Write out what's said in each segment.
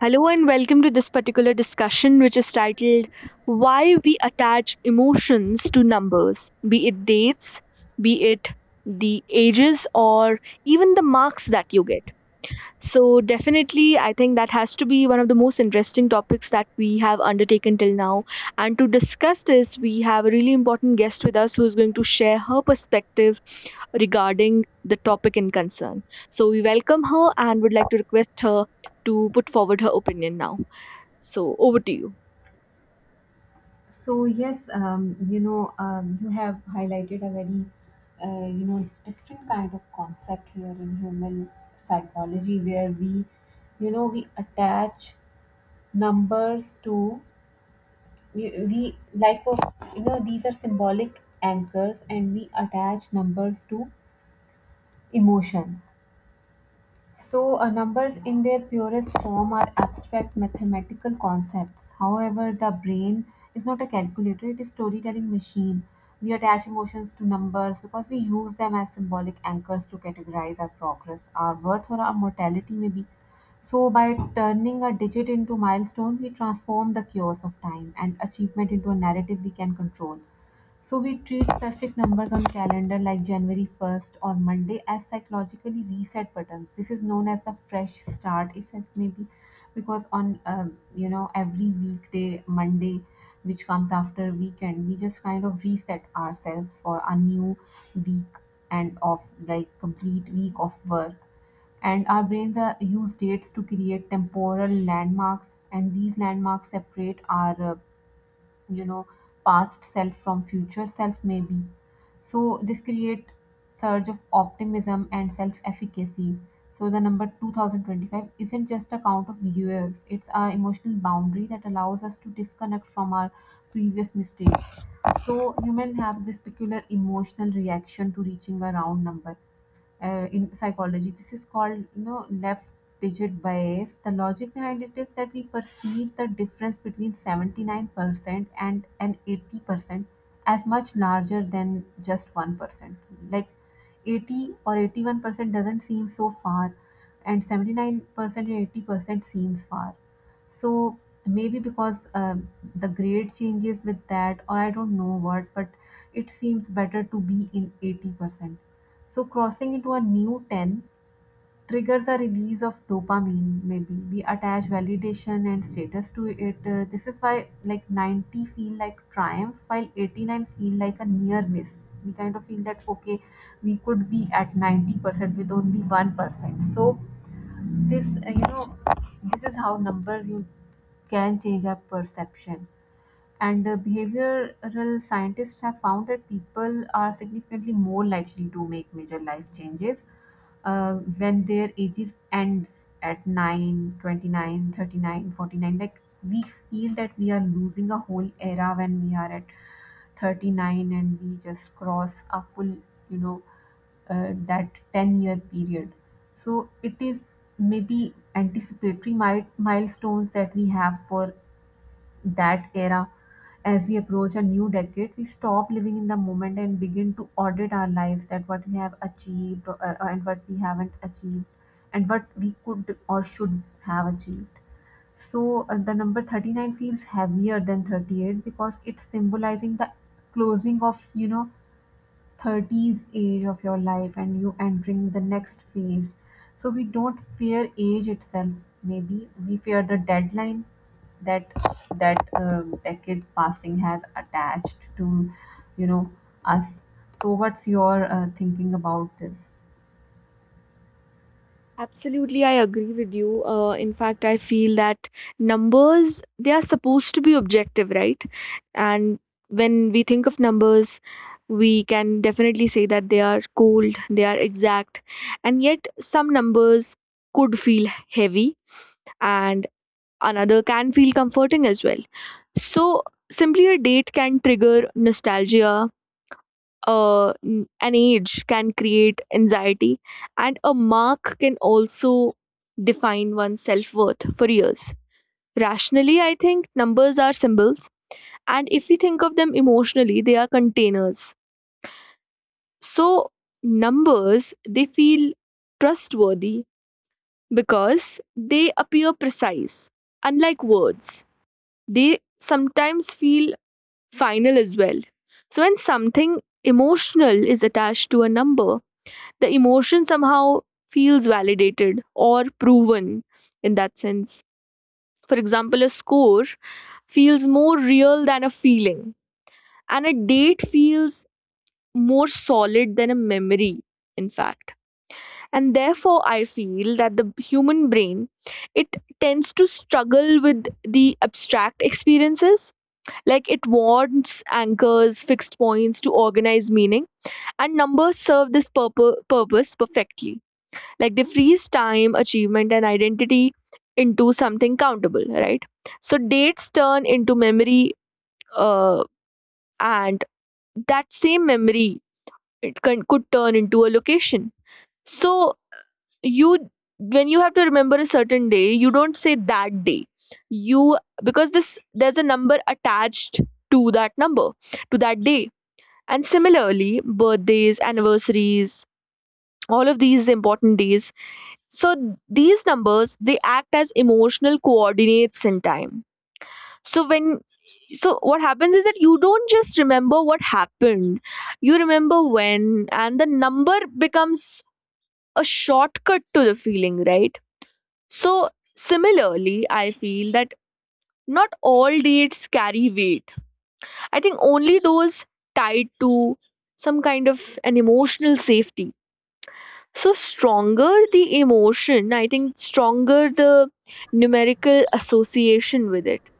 Hello and welcome to this particular discussion, which is titled Why We Attach Emotions to Numbers, be it dates, be it the ages, or even the marks that you get. So, definitely, I think that has to be one of the most interesting topics that we have undertaken till now. And to discuss this, we have a really important guest with us who is going to share her perspective regarding the topic in concern. So, we welcome her and would like to request her to put forward her opinion now. So, over to you. So yes, you have highlighted a very, different kind of concept here in human psychology, where we attach numbers to we like of these are symbolic anchors, and we attach numbers to emotions. So, numbers in their purest form are abstract mathematical concepts. However, the brain is not a calculator, it is storytelling machine. We attach emotions to numbers because we use them as symbolic anchors to categorize our progress, our worth, or our mortality, maybe. So, by turning a digit into milestone, we transform the chaos of time and achievement into a narrative we can control. So we treat specific numbers on calendar like January 1st or Monday as psychologically reset buttons. This is known as the fresh start effect, maybe because on every weekday Monday, which comes after weekend, we just kind of reset ourselves for a new week and of like complete week of work, and our brains are, use dates to create temporal landmarks, and these landmarks separate our you know past self from future self, maybe. So this create surge of optimism and self efficacy. So the number 2025 isn't just a count of years, it's our emotional boundary that allows us to disconnect from our previous mistakes. So humans have this peculiar emotional reaction to reaching a round number in psychology. This is called left digit bias. The logic behind it is that we perceive the difference between 79% and an 80% as much larger than just 1%. Like 80 or 81% doesn't seem so far, and 79% and 80% seems far. So maybe because the grade changes with that or I don't know what, but it seems better to be in 80%. So crossing into a new ten triggers a release of dopamine, maybe. We attach validation and status to it. This is why like 90 feel like triumph while 89 feel like a near miss. We kind of feel that okay, we could be at 90% with only 1%. So this uh, you know this is how numbers you can change our perception. And behavioral scientists have found that people are significantly more likely to make major life changes when their ages ends at 9 29, 39, 49. Like we feel that we are losing a whole era when we are at 39 and we just cross a full, you know, that 10-year period. So it is maybe anticipatory milestones that we have for that era. As we approach a new decade, we stop living in the moment and begin to audit our lives that what we have achieved and what we haven't achieved and what we could or should have achieved. So, the number 39 feels heavier than 38 because it's symbolizing the closing of, 30s age of your life and you entering the next phase. So we don't fear age itself, maybe we fear the deadline that that decade passing has attached to you know us. So what's your thinking about this? Absolutely, I agree with you. In fact, I feel that numbers, they are supposed to be objective, right? And when we think of numbers, we can definitely say that they are cold, they are exact. And yet, some numbers could feel heavy, and another can feel comforting as well. So, simply a date can trigger nostalgia, an age can create anxiety, and a mark can also define one's self worth for years. Rationally, I think numbers are symbols, and if we think of them emotionally, they are containers. So, numbers they feel trustworthy because they appear precise, unlike words. They sometimes feel final as well. So, when something emotional is attached to a number, the emotion somehow feels validated or proven in that sense. For example, a score feels more real than a feeling, and a date feels more solid than a memory, in fact. And therefore, I feel that the human brain, it tends to struggle with the abstract experiences. Like, it wants anchors, fixed points to organize meaning, and numbers serve this purpose perfectly, like they freeze time, achievement and identity into something countable, right? So dates turn into memory, uh, and that same memory, it could turn into a location. So, you when you have to remember a certain day, you don't say that day, you because this there's a number attached to that number to that day. And similarly, birthdays, anniversaries, all of these important days. So these numbers, they act as emotional coordinates in time. So when so what happens is that you don't just remember what happened. You remember when, and the number becomes a shortcut to the feeling, right? So similarly, I feel that not all dates carry weight. I think only those tied to some kind of an emotional safety. So stronger the emotion, I think stronger the numerical association with it.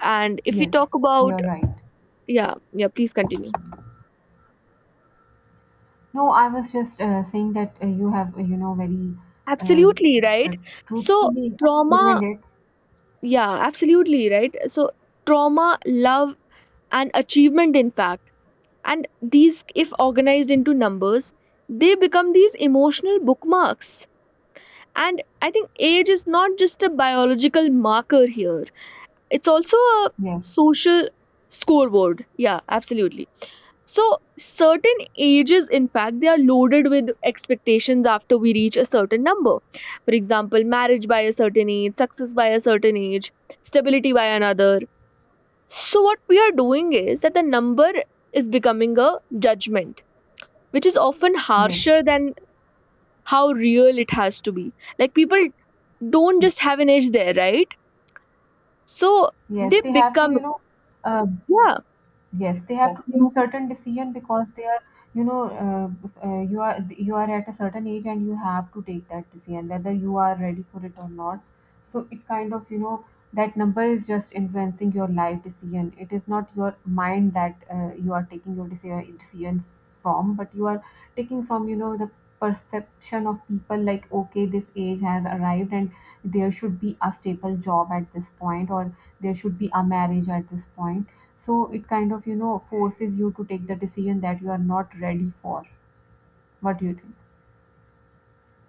And if we Yes, talk about. you're right. Yeah, yeah, please continue. No, I was just saying that you have very uh, Absolutely, right? uh, So truthfully trauma, explained it. yeah, absolutely, right? So trauma, love and achievement in fact. And these, if organized into numbers, they become these emotional bookmarks. And I think age is not just a biological marker here. It's also a Yes, social scoreboard. Yeah, absolutely. So, certain ages, in fact, they are loaded with expectations after we reach a certain number. For example, marriage by a certain age, success by a certain age, stability by another. So, what we are doing is that the number is becoming a judgment, which is often yes, harsher than how real it has to be. Like, people don't just have an age there, right? So, yes, they they have to become. Uh, Yeah. Yes, they have to take certain decision because they are, you know, you are at a certain age and you have to take that decision whether you are ready for it or not. So it kind of, that number is just influencing your life decision. It is not your mind that you are taking your decision from, but you are taking from, the perception of people like, okay, this age has arrived and there should be a stable job at this point or there should be a marriage at this point, so it kind of, forces you to take the decision that you are not ready for. What do you think?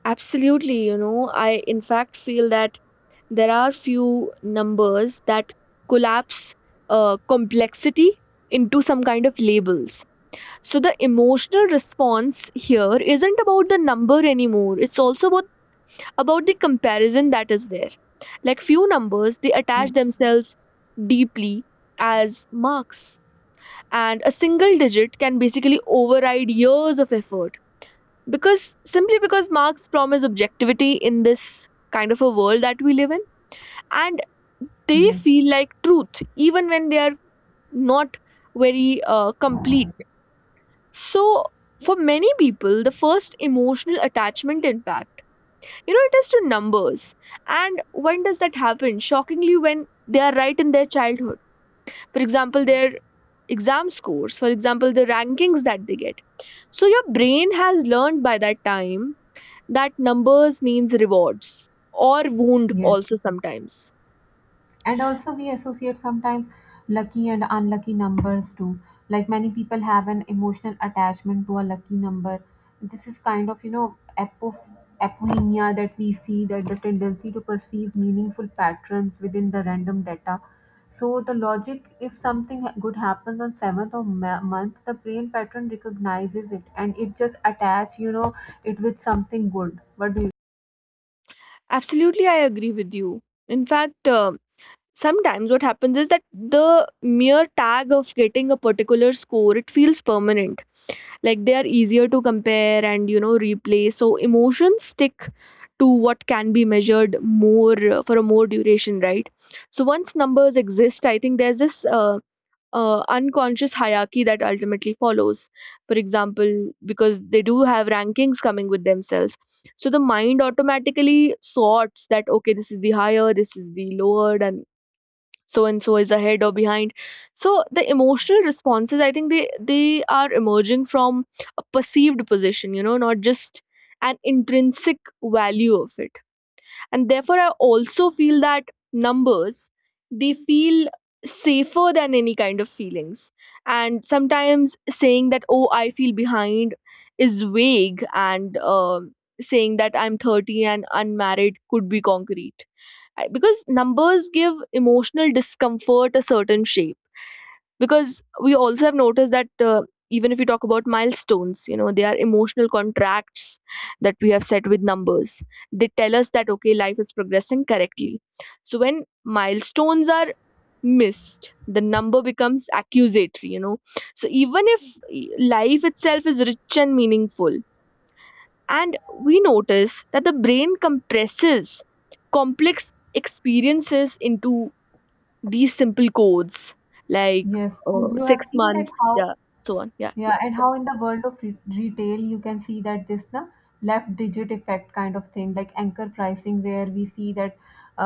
Absolutely, you know, I in fact feel that there are few numbers that collapse complexity into some kind of labels. So the emotional response here isn't about the number anymore. It's also about the comparison that is there. Like few numbers, they attach Yes, themselves deeply as marks, and a single digit can basically override years of effort, because simply because marks promise objectivity in this kind of a world that we live in, and they yes. feel like truth even when they are not very complete. So for many people, the first emotional attachment, in fact, you know, it is to numbers. And when does that happen? Shockingly, when they are right in their childhood. For example, their exam scores, for example, the rankings that they get. So your brain has learned by that time that numbers means rewards, or wound Yes. also sometimes. And also, we associate sometimes lucky and unlucky numbers too. Like many people have an emotional attachment to a lucky number. This is kind of, apoemia that we see, that the tendency to perceive meaningful patterns within the random data. So the logic, if something good happens on seventh of month, the brain pattern recognizes it and it just attach, it with something good. What do you? Absolutely, I agree with you. In fact, sometimes what happens is that the mere tag of getting a particular score, it feels permanent. Like they are easier to compare and, you know, replay, so emotions stick to what can be measured more, for a more duration, right? So once numbers exist, I think there's this unconscious hierarchy that ultimately follows. For example, because they do have rankings coming with themselves. So the mind automatically sorts that, okay, this is the higher, this is the lower, and so is ahead or behind. So the emotional responses, I think they are emerging from a perceived position, you know, not just an intrinsic value of it. And therefore, I also feel that numbers, they feel safer than any kind of feelings. And sometimes saying that, oh, I feel behind, is vague, and saying that I'm 30 and unmarried could be concrete. Because numbers give emotional discomfort a certain shape. Because we also have noticed that, even if we talk about milestones, you know, they are emotional contracts that we have set with numbers. They tell us that, okay, life is progressing correctly. So when milestones are missed, the number becomes accusatory, you know. So even if life itself is rich and meaningful, and we notice that the brain compresses complex experiences into these simple codes, like, Yes, and you have 6 seen that months, how. yeah, so on. Yeah, yeah. Yeah, and how in the world of retail you can see that this the left digit effect kind of thing, like anchor pricing, where we see that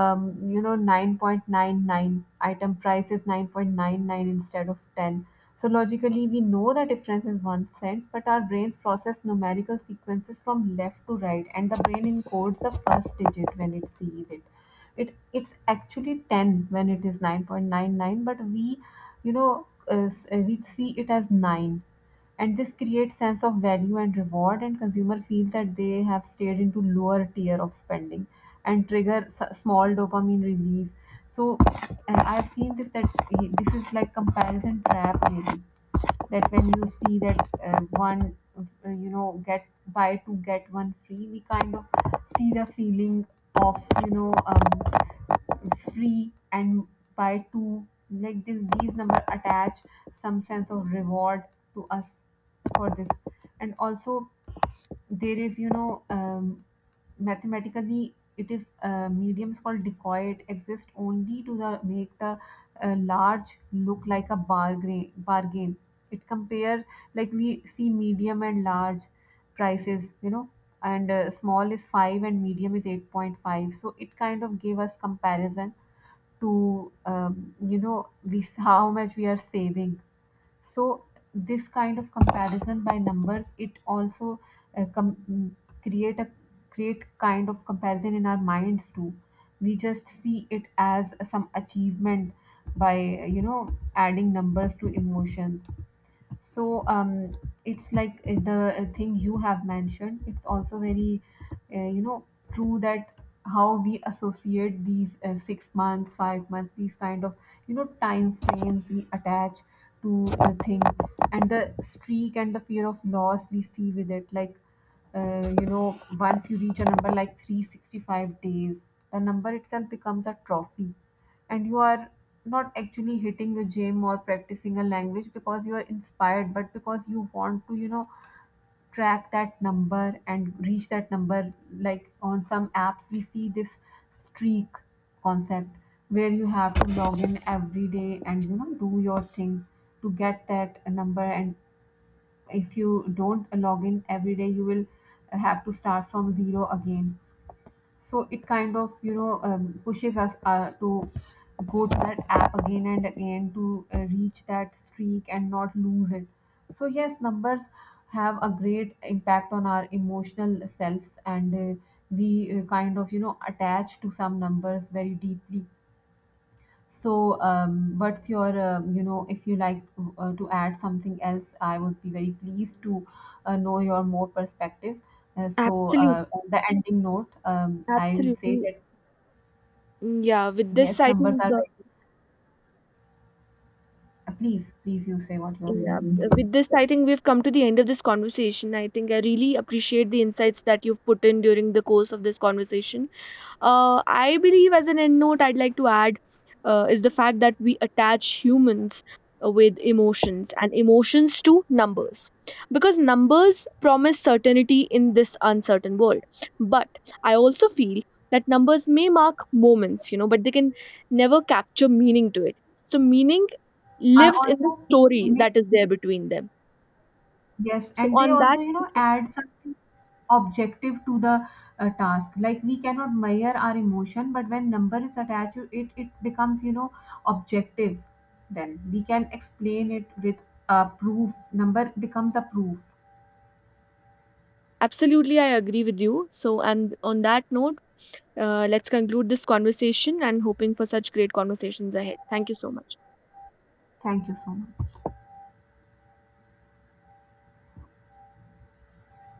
9.99 item price is 9.99 instead of 10. So logically, we know the difference is 1 cent, but our brains process numerical sequences from left to right, and the brain encodes the first digit when it sees it. It it's actually 10 when it is 9.99, but we you know s- we see it as 9. And this creates sense of value and reward, and consumer feel that they have stayed into lower tier of spending and trigger small dopamine release. So, and I've seen this that this is like comparison trap, really. That when you see that one you know get buy two get one free, we kind of see the feeling of free and buy two. Like this these number attach some sense of reward to us for this. And also there is mathematically it is mediums called decoy exist only to the make the large look like a bargain. It compare, like we see medium and large prices, you know, and small is 5 and medium is 8.5, so it kind of gave us comparison to we how much we are saving. So this kind of comparison by numbers it also uh, com- mm, create a create kind of comparison in our minds too. We just see it as some achievement by adding numbers to emotions. So it's like the thing you have mentioned, it's also very uh, you know true that how we associate these 6 months, 5 months, these kind of time frames we attach to a thing. And the streak and the fear of loss we see with it, like once you reach a number like 365 days, the number itself becomes a trophy. And you are not actually hitting the gym or practicing a language because you are inspired, but because you want to track that number and reach that number. Like on some apps we see this streak concept where you have to log in every day and do your thing to get that number, and if you don't log in every day you will have to start from zero again. So it kind of pushes us to go to that app again and again to reach that streak and not lose it. So yes, numbers have a great impact on our emotional selves, and we kind of attach to some numbers very deeply. So, what's your if you like to add something else, I would be very pleased to know your more perspective. Absolutely, On the ending note, I will say absolutely. that... Yeah, with Yes, this, I numbers think, are very... Please, please, you say what you are saying. We've come to the end of this conversation. I think I really appreciate the insights that you've put in during the course of this conversation. I believe, as an end note, I'd like to add is the fact that we attach humans with emotions, and emotions to numbers, because numbers promise certainty in this uncertain world. But I also feel that numbers may mark moments, you know, but they can never capture meaning to it. So, meaning Are lives in the also, story they, that is there between them. yes, So, and they on that, also, you know, add something objective to the task. Like we cannot measure our emotion, but when number is attached, to it it becomes, you know, objective. Then we can explain it with a proof. Number becomes a proof. absolutely, I agree with you. So, and on that note, let's conclude this conversation and hoping for such great conversations ahead. Thank you so much. Thank you so much.